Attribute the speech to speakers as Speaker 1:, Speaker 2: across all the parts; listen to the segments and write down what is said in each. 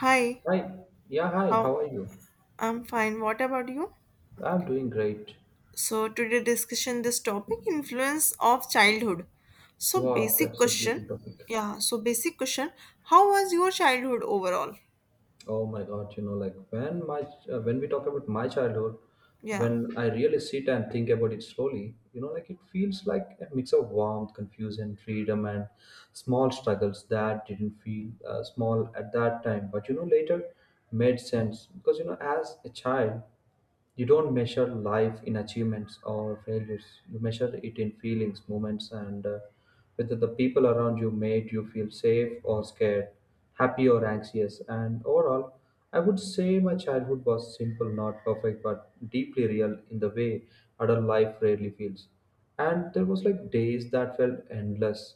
Speaker 1: Hi,
Speaker 2: Hi. Yeah, hi.
Speaker 1: how
Speaker 2: How are you?
Speaker 1: I'm fine. What about you?
Speaker 2: I'm doing great.
Speaker 1: So today discussion this topic influence of childhood. So
Speaker 2: Wow,
Speaker 1: basic
Speaker 2: that's a
Speaker 1: question.
Speaker 2: beautiful topic.
Speaker 1: Yeah, so basic question. How was your childhood overall?
Speaker 2: Oh my God, like when we talk about my childhood,
Speaker 1: Yeah.
Speaker 2: when I really sit and think about it slowly, like it feels like a mix of warmth, confusion, freedom, and small struggles that didn't feel small at that time, but later made sense because as a child. You don't measure life in achievements or failures. You measure it in feelings, moments, and whether the people around you made you feel safe or scared, happy or anxious. And overall, I would say my childhood was simple, not perfect, but deeply real in the way adult life rarely feels. And there was like days that felt endless,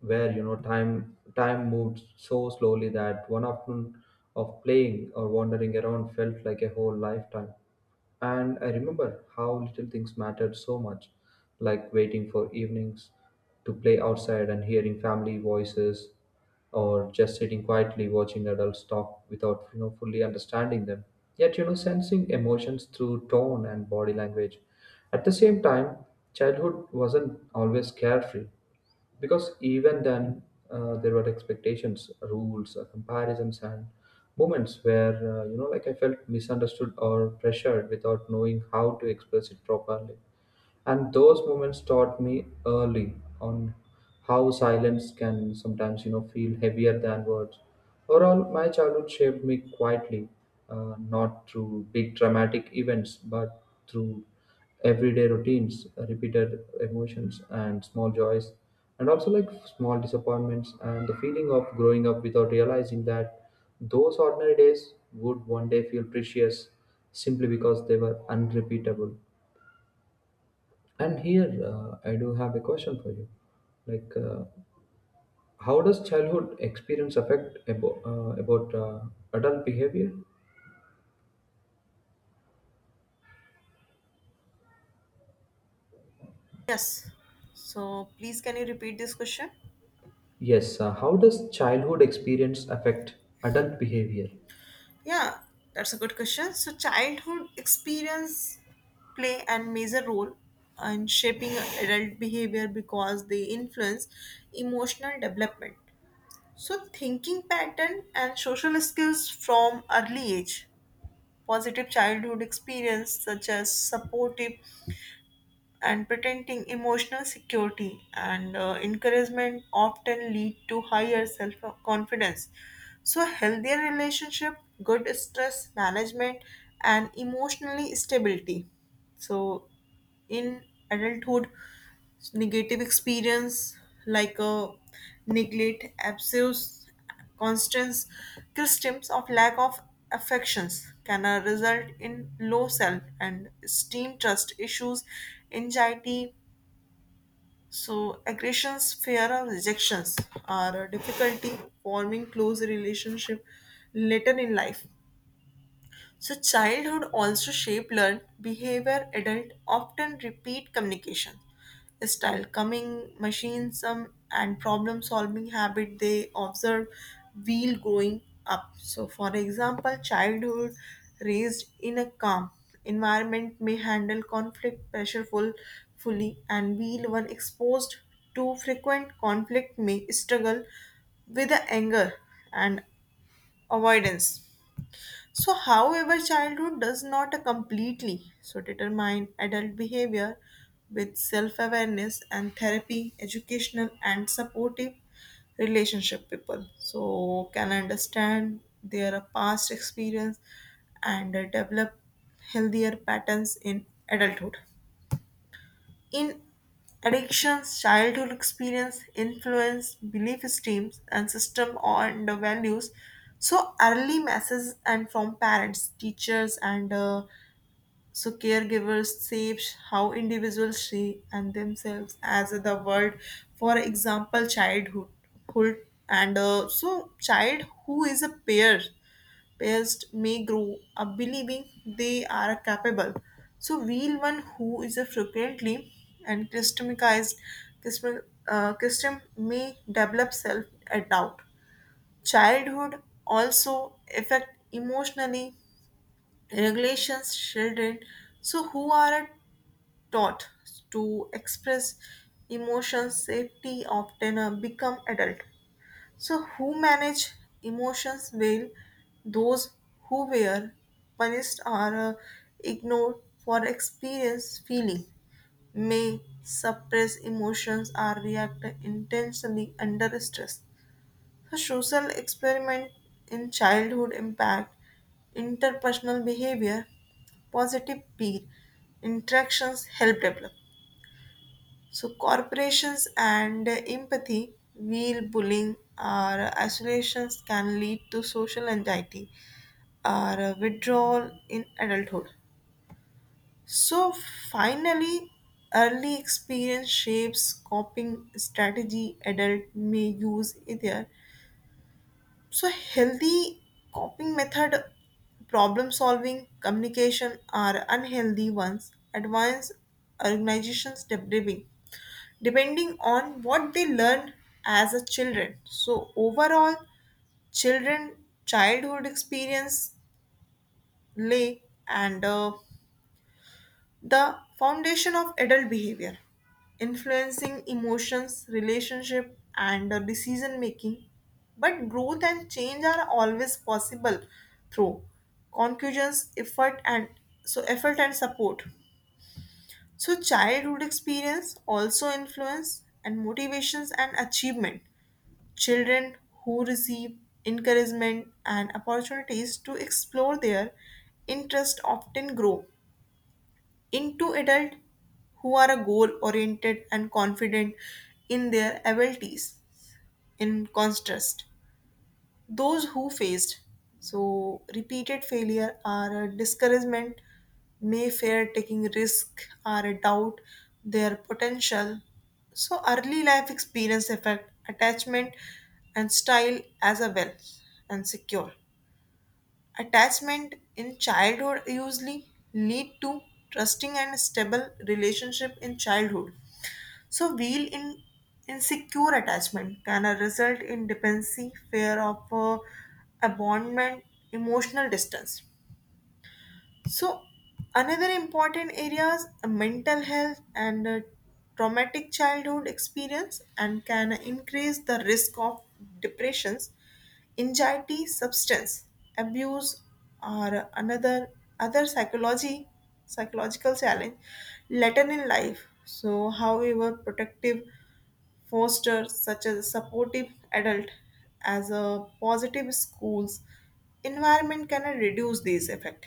Speaker 2: where time moved so slowly that one afternoon of playing or wandering around felt like a whole lifetime. And I remember how little things mattered so much, like waiting for evenings to play outside and hearing family voices, or just sitting quietly watching adults talk without fully understanding them. Yet sensing emotions through tone and body language. At the same time, childhood wasn't always carefree because even then there were expectations, rules, comparisons, and moments where like I felt misunderstood or pressured without knowing how to express it properly. And those moments taught me early on how silence can sometimes feel heavier than words. Overall, my childhood shaped me quietly, not through big dramatic events, but through everyday routines, repeated emotions, and small joys, and also like small disappointments and the feeling of growing up without realizing that those ordinary days would one day feel precious simply because they were unrepeatable. And here I do have a question for you. Like, uh, how does childhood experience affect about adult behavior?
Speaker 1: Yes. So please can you repeat this question?
Speaker 2: Yes. How does childhood experience affect adult behavior?
Speaker 1: Yeah, that's a good question. So childhood experience play and major role in shaping adult behavior because they influence emotional development. So, thinking pattern and social skills from early age, positive childhood experience such as supportive and pretending emotional security and encouragement often lead to higher self confidence. So, healthier relationship, good stress management, and emotionally stability. So, in adulthood, negative experience like a neglect, abuse, constant symptoms of lack of affections can result in low self and esteem, trust issues, anxiety. So aggressions, fear of rejections, or difficulty forming close relationship later in life. So childhood also shape learned behavior adult often repeat communication style coming machines and problem solving habit they observe while growing up. So for example childhood raised in a calm environment may handle conflict pressure full, fully and while one exposed to frequent conflict may struggle with the anger and avoidance. So, however, childhood does not completely so determine adult behavior with self-awareness and therapy, educational and supportive relationship people. So can understand their past experience and develop healthier patterns in adulthood. In addictions, childhood experience influence belief systems and system and the values. So early messages and from parents, teachers, and so caregivers shapes how individuals see and themselves as the world. For example, childhood, hood, and so child who is a peer pairs may grow up believing they are capable. So, wheel one who is a frequently and customized custom, custom may develop self a doubt. Childhood also affect emotionally regulations children so who are taught to express emotions safety often become adult so, who manage emotions well? Those who were punished or ignored for experience feeling may suppress emotions or react intensely under stress. So, social experiment in childhood impact interpersonal behavior, positive peer interactions help develop so corporations and empathy wheel bullying or isolations can lead to social anxiety or withdrawal in adulthood. So finally, early experience shapes coping strategy adult may use either. So healthy coping method, problem solving, communication are unhealthy ones. Advanced organizations debriefing depending on what they learned as a children. So overall children childhood experience lay and the foundation of adult behavior influencing emotions relationship and decision making, but growth and change are always possible through conclusions effort and so effort and support. So childhood experience also influence and motivations and achievement. Children who receive encouragement and opportunities to explore their interest often grow into adults who are goal oriented and confident in their abilities. In contrast, those who faced so repeated failure or a discouragement may fear taking risk or doubt their potential. So early life experience affect attachment and style as a well and secure. Attachment in childhood usually lead to trusting and stable relationship in childhood. So real in insecure attachment can result in dependency, fear of abandonment, emotional distance. So another important areas mental health and traumatic childhood experience and can increase the risk of depressions anxiety, substance abuse are another other psychology psychological challenge later in life. So, however, protective foster such as supportive adult as a positive schools environment can reduce these effect.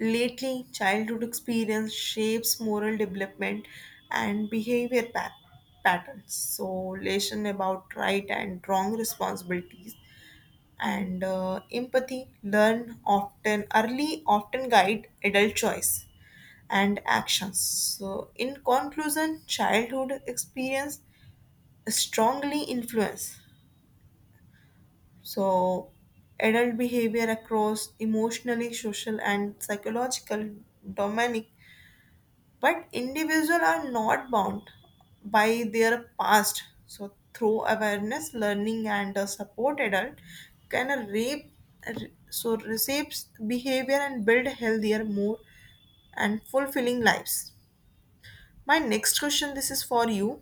Speaker 1: Lately, childhood experience shapes moral development and behavior patterns. So, lesson about right and wrong responsibilities and empathy learn often early often guide adult choice and actions. So in conclusion childhood experience strongly influence so adult behavior across emotionally social and psychological domain, but individuals are not bound by their past. So through awareness learning and a support adult can rape so reshapes behavior and build healthier more and fulfilling lives. My next question this is for you.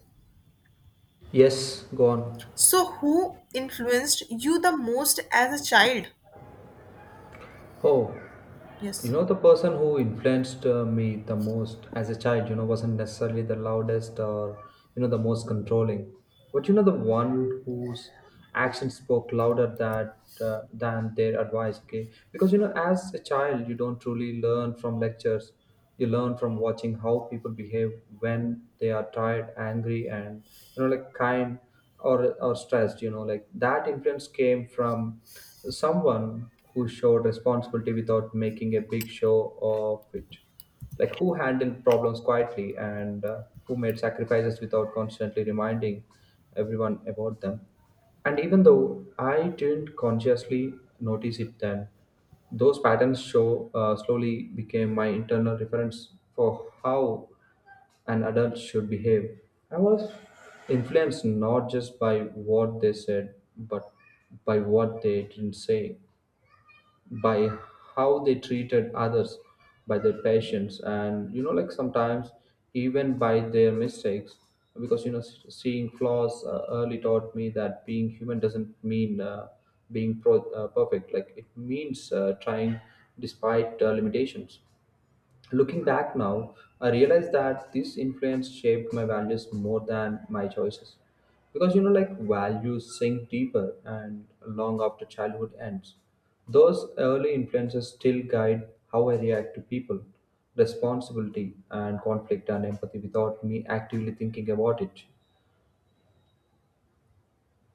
Speaker 2: Yes. Go on.
Speaker 1: So who influenced you the most as a child?
Speaker 2: Oh,
Speaker 1: Yes.
Speaker 2: the person who influenced me the most as a child, wasn't necessarily the loudest or, the most controlling, but the one whose actions spoke louder that. Than their advice, okay? Because as a child you don't truly learn from lectures, you learn from watching how people behave when they are tired, angry, and like kind or stressed. Like that influence came from someone who showed responsibility without making a big show of it, like who handled problems quietly and who made sacrifices without constantly reminding everyone about them. And even though I didn't consciously notice it then, those patterns show slowly became my internal reference for how an adult should behave. I was influenced not just by what they said, but by what they didn't say, by how they treated others, by their patience, and like sometimes even by their mistakes. Because seeing flaws early taught me that being human doesn't mean being perfect. Like it means trying despite limitations. Looking back now, I realize that this influence shaped my values more than my choices. Because like values sink deeper and long after childhood ends. Those early influences still guide how I react to people, responsibility, and conflict and empathy without me actively thinking about it.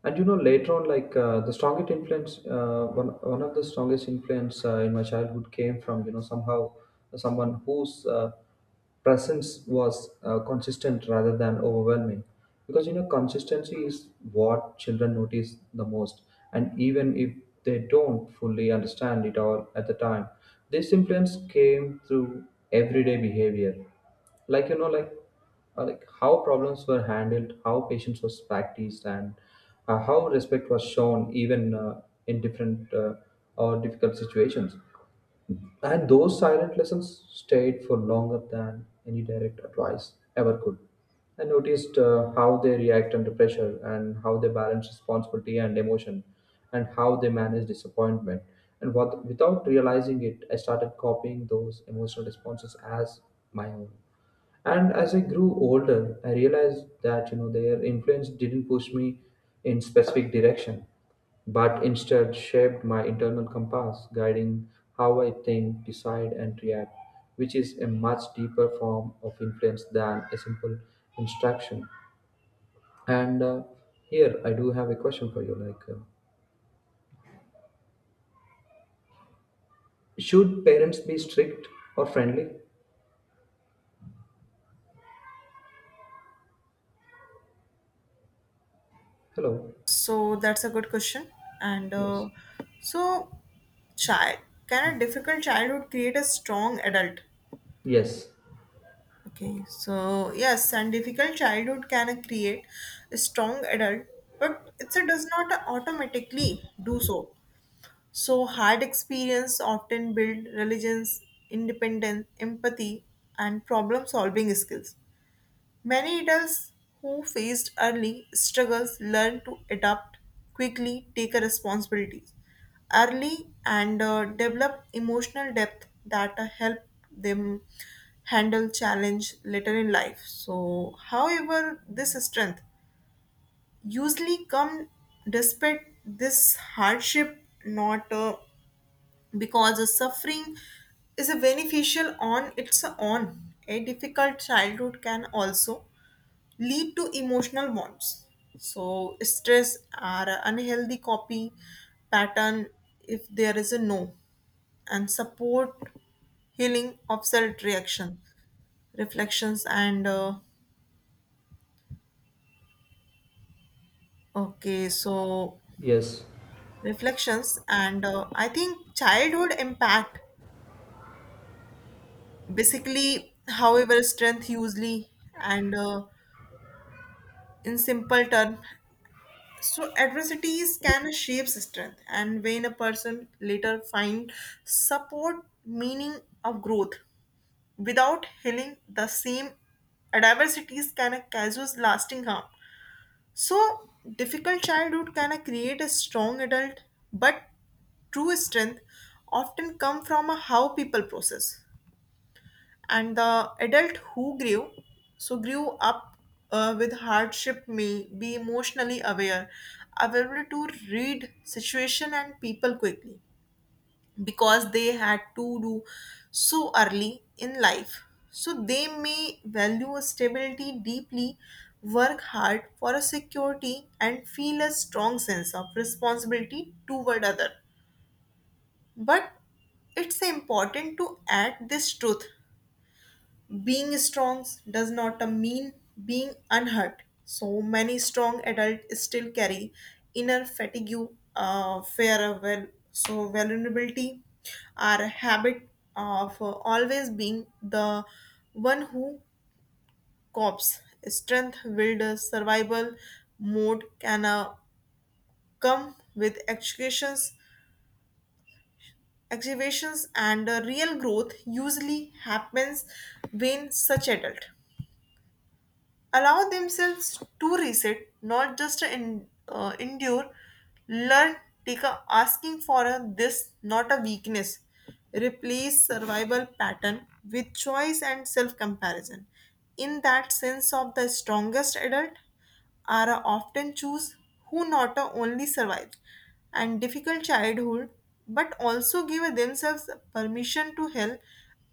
Speaker 2: And later on, like the strongest influence one, one of the strongest influence in my childhood came from somehow someone whose presence was consistent rather than overwhelming, because consistency is what children notice the most, and even if they don't fully understand it all at the time. This influence came through everyday behavior, like like how problems were handled, how patience was practiced, and how respect was shown even in different or difficult situations. And those silent lessons stayed for longer than any direct advice ever could. I noticed how they react under pressure and how they balance responsibility and emotion and how they manage disappointment. And what, without realizing it, I started copying those emotional responses as my own. And as I grew older, I realized that their influence didn't push me in specific direction, but instead shaped my internal compass, guiding how I think, decide, and react, which is a much deeper form of influence than a simple instruction. And here I do have a question for you: should parents be strict or friendly? Hello.
Speaker 1: So that's a good question and
Speaker 2: Yes.
Speaker 1: so child can a difficult childhood create a strong adult?
Speaker 2: Yes.
Speaker 1: Okay, so yes, and difficult childhood can create a strong adult, but it's a does not automatically do so. So hard experience often build religions, independence, empathy, and problem solving skills. Many adults who faced early struggles learn to adapt quickly, take a responsibility early, and develop emotional depth that help them handle challenge later in life. So, however, this strength usually come despite this hardship, not because the suffering is a beneficial on its own. A difficult childhood can also lead to emotional bonds. So stress or unhealthy copy pattern if there is a no and support healing of self reaction reflections and okay so
Speaker 2: Yes.
Speaker 1: reflections and I think childhood impact basically however strength usually and in simple term. So adversities can shape strength, and when a person later find support, meaning of growth, without healing the same adversities can cause lasting harm. So difficult childhood can create a strong adult, but true strength often come from how people process and the adult who grew up with hardship may be emotionally aware available to read situation and people quickly because they had to do so early in life. So they may value stability deeply work hard for a security and feel a strong sense of responsibility toward other, but it's important to add this truth being strong does not mean being unhurt. So many strong adults still carry inner fatigue, fear, well, so vulnerability, our habit of always being the one who copes. Strength, build, survival mode can come with educations activations and real growth usually happens when such adult allow themselves to reset, not just to endure. Learn, take a asking for a this, not a weakness. Replace survival pattern with choice and self comparison. In that sense, of the strongest adult are a often choose who not a only survived and difficult childhood, but also give themselves permission to help,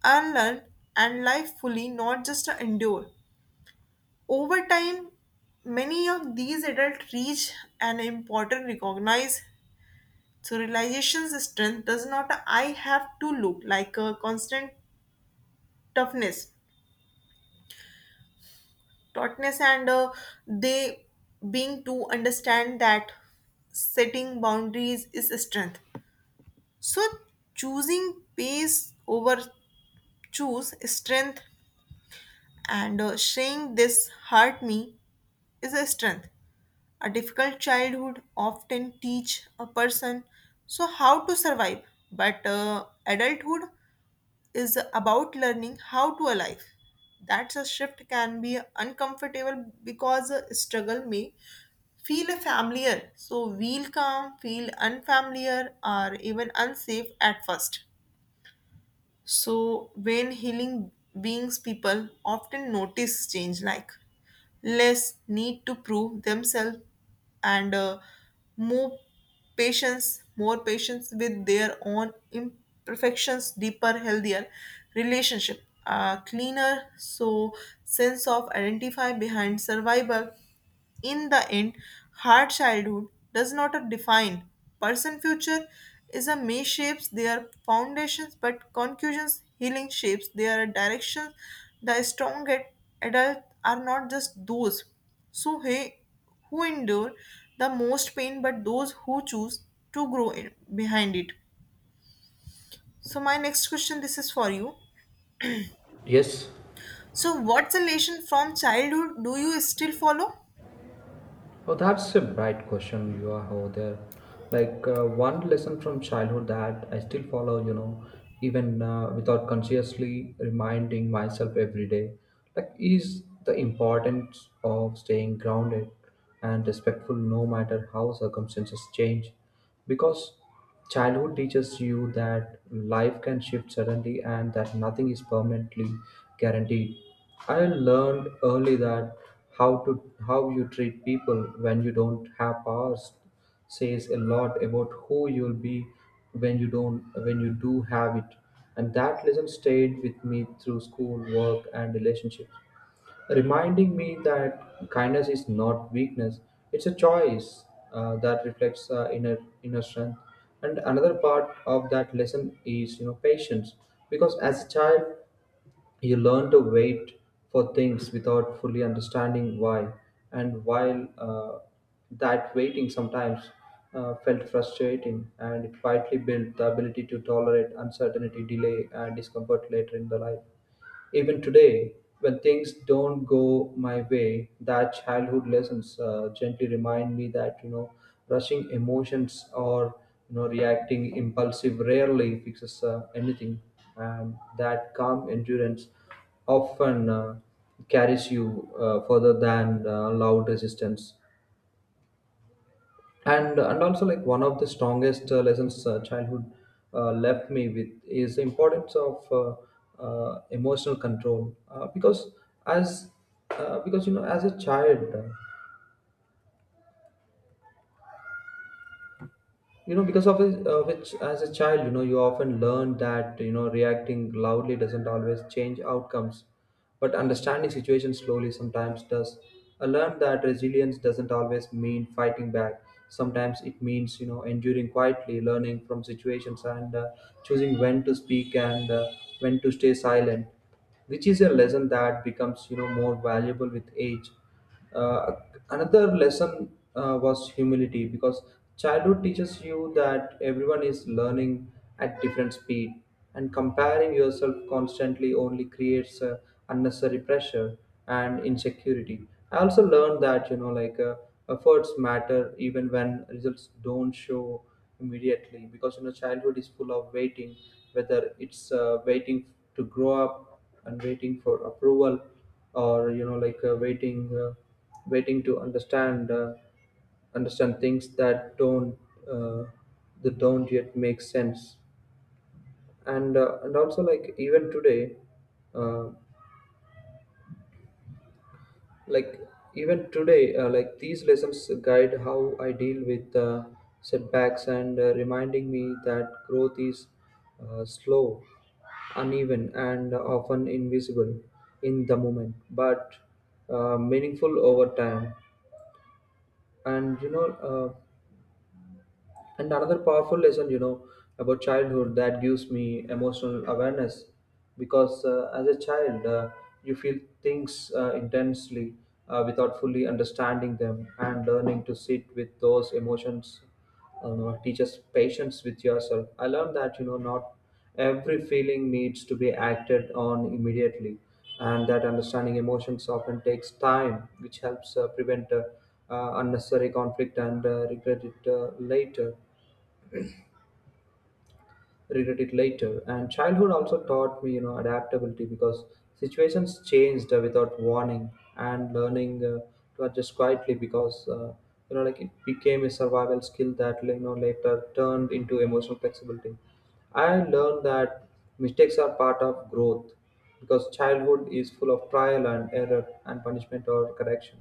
Speaker 1: unlearn, and life fully, not just a endure. Over time, many of these adults reach an important recognize so realization's strength does not I have to look like a constant toughness, tautness, and they being to understand that setting boundaries is strength. So choosing pace over choose strength and saying this hurt me is a strength. A difficult childhood often teach a person so how to survive, but adulthood is about learning how to alive. That's a shift can be uncomfortable because struggle may feel familiar. So we'll come feel unfamiliar or even unsafe at first. So, when healing beings, people often notice change like less need to prove themselves and more more patience with their own imperfections, deeper, healthier relationship, cleaner, so sense of identify behind survival. In the end, hard childhood does not define person future is a may shapes their foundations but conclusions healing shapes their directions. The adult are not just those so hey, who endure the most pain but those who choose to grow in, behind it. So my next question this is for you.
Speaker 2: Yes.
Speaker 1: So what's the lesson from childhood do you still follow?
Speaker 2: Oh, that's a bright question you are over there. Like one lesson from childhood that I still follow, even without consciously reminding myself every day, like is the importance of staying grounded and respectful no matter how circumstances change. Because childhood teaches you that life can shift suddenly and that nothing is permanently guaranteed. I learned early that how to how you treat people when you don't have powers says a lot about who you'll be when you don't when you do have it. And that lesson stayed with me through school, work, and relationships, reminding me that kindness is not weakness, it's a choice that reflects inner strength. And another part of that lesson is patience, because as a child you learn to wait for things without fully understanding why. And while that waiting sometimes felt frustrating, and it quietly built the ability to tolerate uncertainty, delay, and discomfort later in the life. Even today, when things don't go my way, that childhood lessons gently remind me that rushing emotions or reacting impulsive rarely fixes anything, and that calm endurance often carries you further than loud resistance. And also, like one of the strongest lessons childhood left me with is the importance of emotional control, because as because you know as a child you know because of it, which as a child you often learn that reacting loudly doesn't always change outcomes, but understanding situations slowly sometimes does. I learned that resilience doesn't always mean fighting back, sometimes it means enduring quietly, learning from situations, and choosing when to speak and when to stay silent, which is a lesson that becomes more valuable with age. uh, Another lesson was humility, because childhood teaches you that everyone is learning at different speed, and comparing yourself constantly only creates unnecessary pressure and insecurity. I also learned that efforts matter even when results don't show immediately, because childhood is full of waiting, whether it's waiting to grow up, and waiting for approval, or waiting to understand things uh, that don't yet make sense. And also, like uh, like even today like these lessons guide how I deal with setbacks and reminding me that growth is slow, uneven, and often invisible in the moment, but meaningful over time. And you know uh, and another powerful lesson, about childhood that gives me emotional awareness, because as a child, you feel things intensely without fully understanding them, and learning to sit with those emotions teaches patience with yourself. I learned that, not every feeling needs to be acted on immediately, and that understanding emotions often takes time, which helps prevent unnecessary conflict and regret it later. And childhood also taught me, adaptability, because situations changed without warning, and learning to adjust quietly, because like it became a survival skill that later turned into emotional flexibility. I learned that mistakes are part of growth, because childhood is full of trial and error and punishment or correction.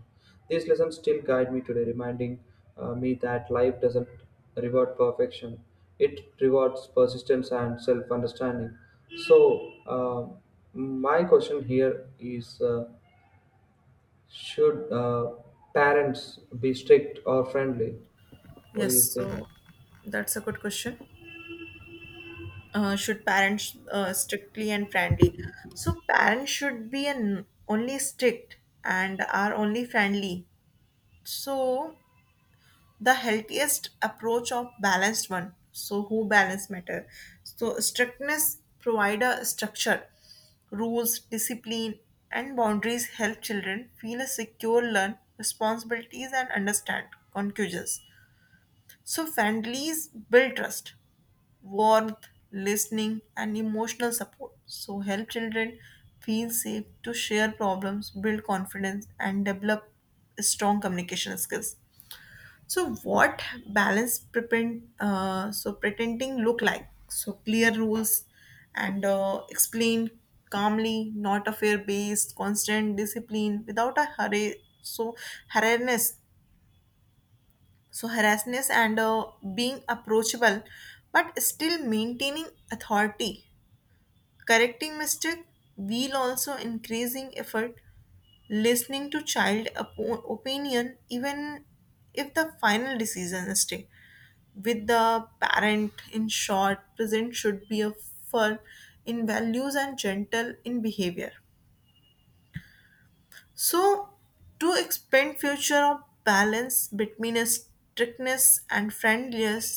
Speaker 2: These lessons still guide me today, reminding me that life doesn't reward perfection, it rewards persistence and self understanding. So, my question here is should parents be strict or friendly? What do
Speaker 1: Yes,
Speaker 2: you think?
Speaker 1: so that's a good question. Should parents strictly and friendly? So parents should be an only strict and are only friendly. So the healthiest approach of balanced one, so who balance matter, so strictness provide a structure rules discipline and boundaries help children feel a secure learn responsibilities and understand conclusions. So friendlies build trust warmth, listening, and emotional support. So, help children feel safe to share problems, build confidence, and develop strong communication skills. So, what balance pretend so pretending look like? So, clear rules and explain calmly, not a fear based, constant discipline without a hurry. So, harassness, harassness and being approachable, but still maintaining authority correcting mistake will also increasing effort listening to child opinion even if the final decision is stay with the parent. In short present should be a firm in values and gentle in behavior. So to expand future of balance between a strictness and friendliness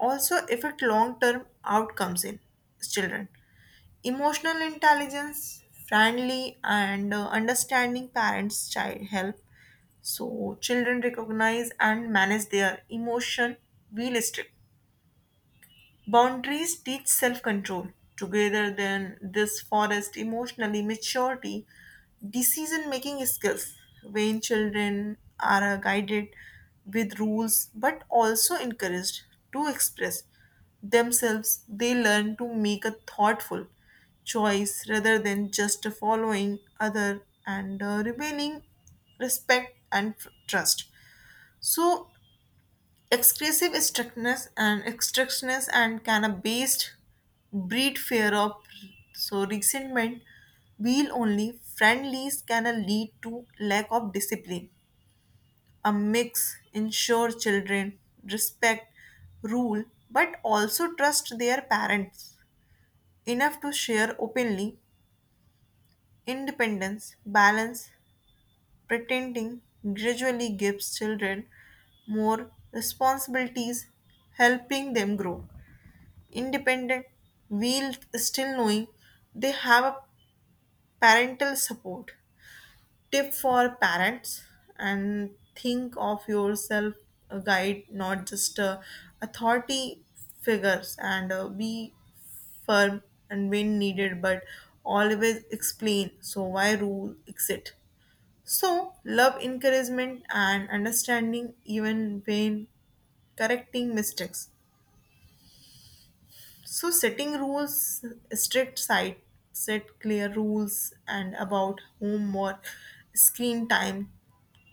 Speaker 1: also affect long term outcomes in children. Emotional intelligence, friendly and understanding parents child help so children recognize and manage their emotion realistically. Boundaries teach self control. Together, then, this forest emotionally maturity, decision making skills. When children are guided with rules but also encouraged to express themselves, they learn to make a thoughtful choice rather than just following other and remaining respect and trust. So, excessive strictness and can-based breed fear of so resentment. Wheel only friendlies can lead to lack of discipline. A mix ensure children respect rule but also trust their parents enough to share openly. Independence, balance, pretending gradually gives children more responsibilities, helping them grow independent while still knowing they have a parental support tip for parents and think of yourself a guide not just a authority figures and be firm and when needed but always explain so why rule exit. So love encouragement and understanding even when correcting mistakes. So setting rules, strict site, set clear rules and about homework, screen time,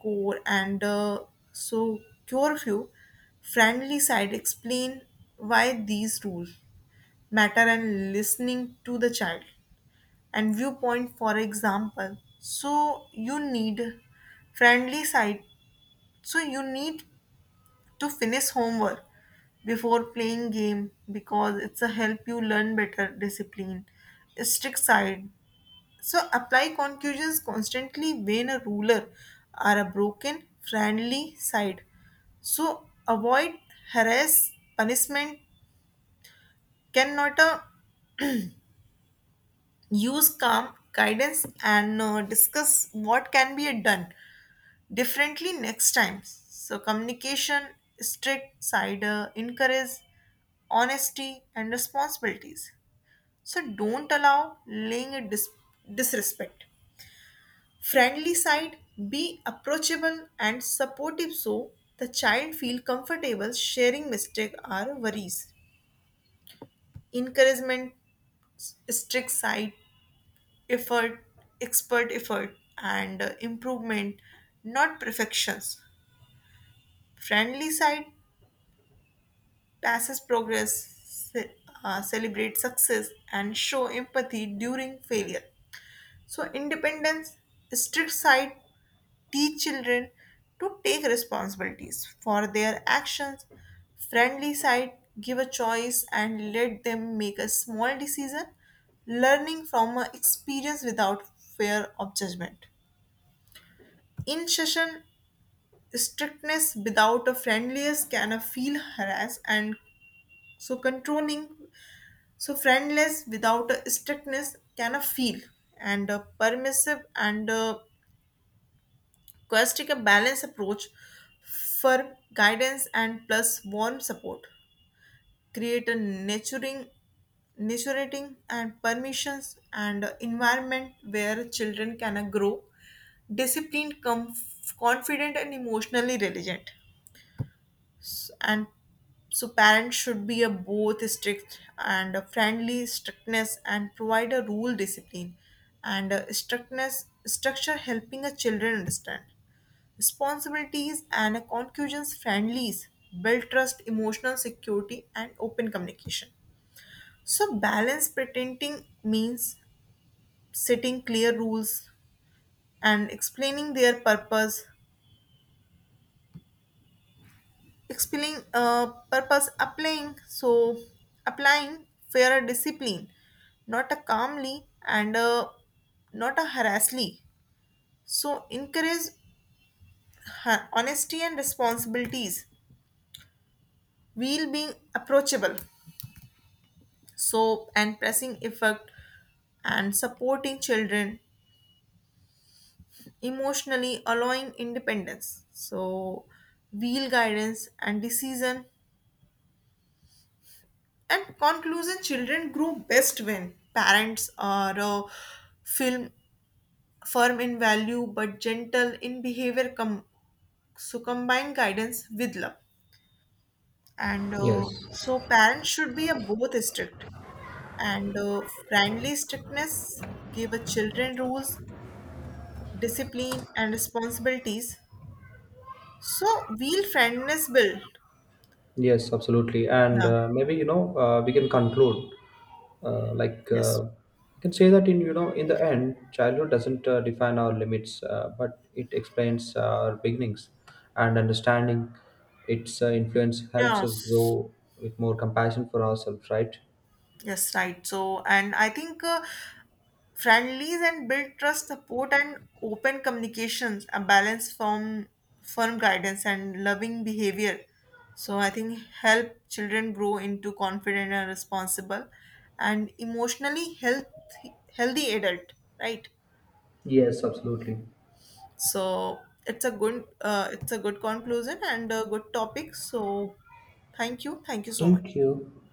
Speaker 1: core and so curfew, friendly side explain why these rules matter and listening to the child and viewpoint for example. So you need friendly side. So you need to finish homework before playing game because it's a help you learn better discipline strict side so apply conclusions constantly when a ruler are a broken friendly side so avoid harass punishment cannot use calm guidance and discuss what can be done differently next time. So communication strict side encourage honesty, and responsibilities. So don't allow laying a disrespect. Friendly side, be approachable and supportive so the child feel comfortable sharing mistake or worries. Encouragement, strict side, effort, expert effort, and improvement, not perfections. Friendly side, passes progress, celebrate success, and show empathy during failure. So independence strict side teach children to take responsibilities for their actions. Friendly side give a choice and let them make a small decision, learning from a experience without fear of judgment. In session, strictness without a friendliness can a feel harassed and so controlling. So friendless without a strictness can a feel and a permissive and a quest take a balanced approach for guidance and plus warm support. Create a nurturing and permissions and environment where children can grow disciplined, confident, and emotionally resilient. And so, parents should be a both strict and a friendly strictness and provide a rule discipline and a strictness structure helping a children understand responsibilities and a concussions friendlies build trust emotional security and open communication. So balance pretending means setting clear rules and explaining their purpose explaining purpose applying so applying fair discipline not a calmly and a, not a harassly so encourage honesty and responsibilities while being approachable soap and pressing effect and supporting children emotionally allowing independence so wheel guidance and decision and conclusion children grow best when parents are film firm in value but gentle in behavior so combine guidance with love and
Speaker 2: Yes.
Speaker 1: so parents should be a both strict and friendly strictness give a children rules discipline, and responsibilities. So will friendness build?
Speaker 2: Yes, absolutely. And
Speaker 1: Yeah.
Speaker 2: maybe, we can conclude
Speaker 1: Yes.
Speaker 2: you can say that in the end, childhood doesn't define our limits, but it explains our beginnings and understanding its influence helps us
Speaker 1: Yes.
Speaker 2: grow with more compassion for ourselves, right?
Speaker 1: Yes, right. So, and I think friendlies and build trust, support, and open communications, a balance from firm guidance and loving behavior. So, I think help children grow into confident and responsible and emotionally healthy adult, right?
Speaker 2: Yes, absolutely.
Speaker 1: So it's a good conclusion and a good topic. So thank you so
Speaker 2: Thank
Speaker 1: much.
Speaker 2: you.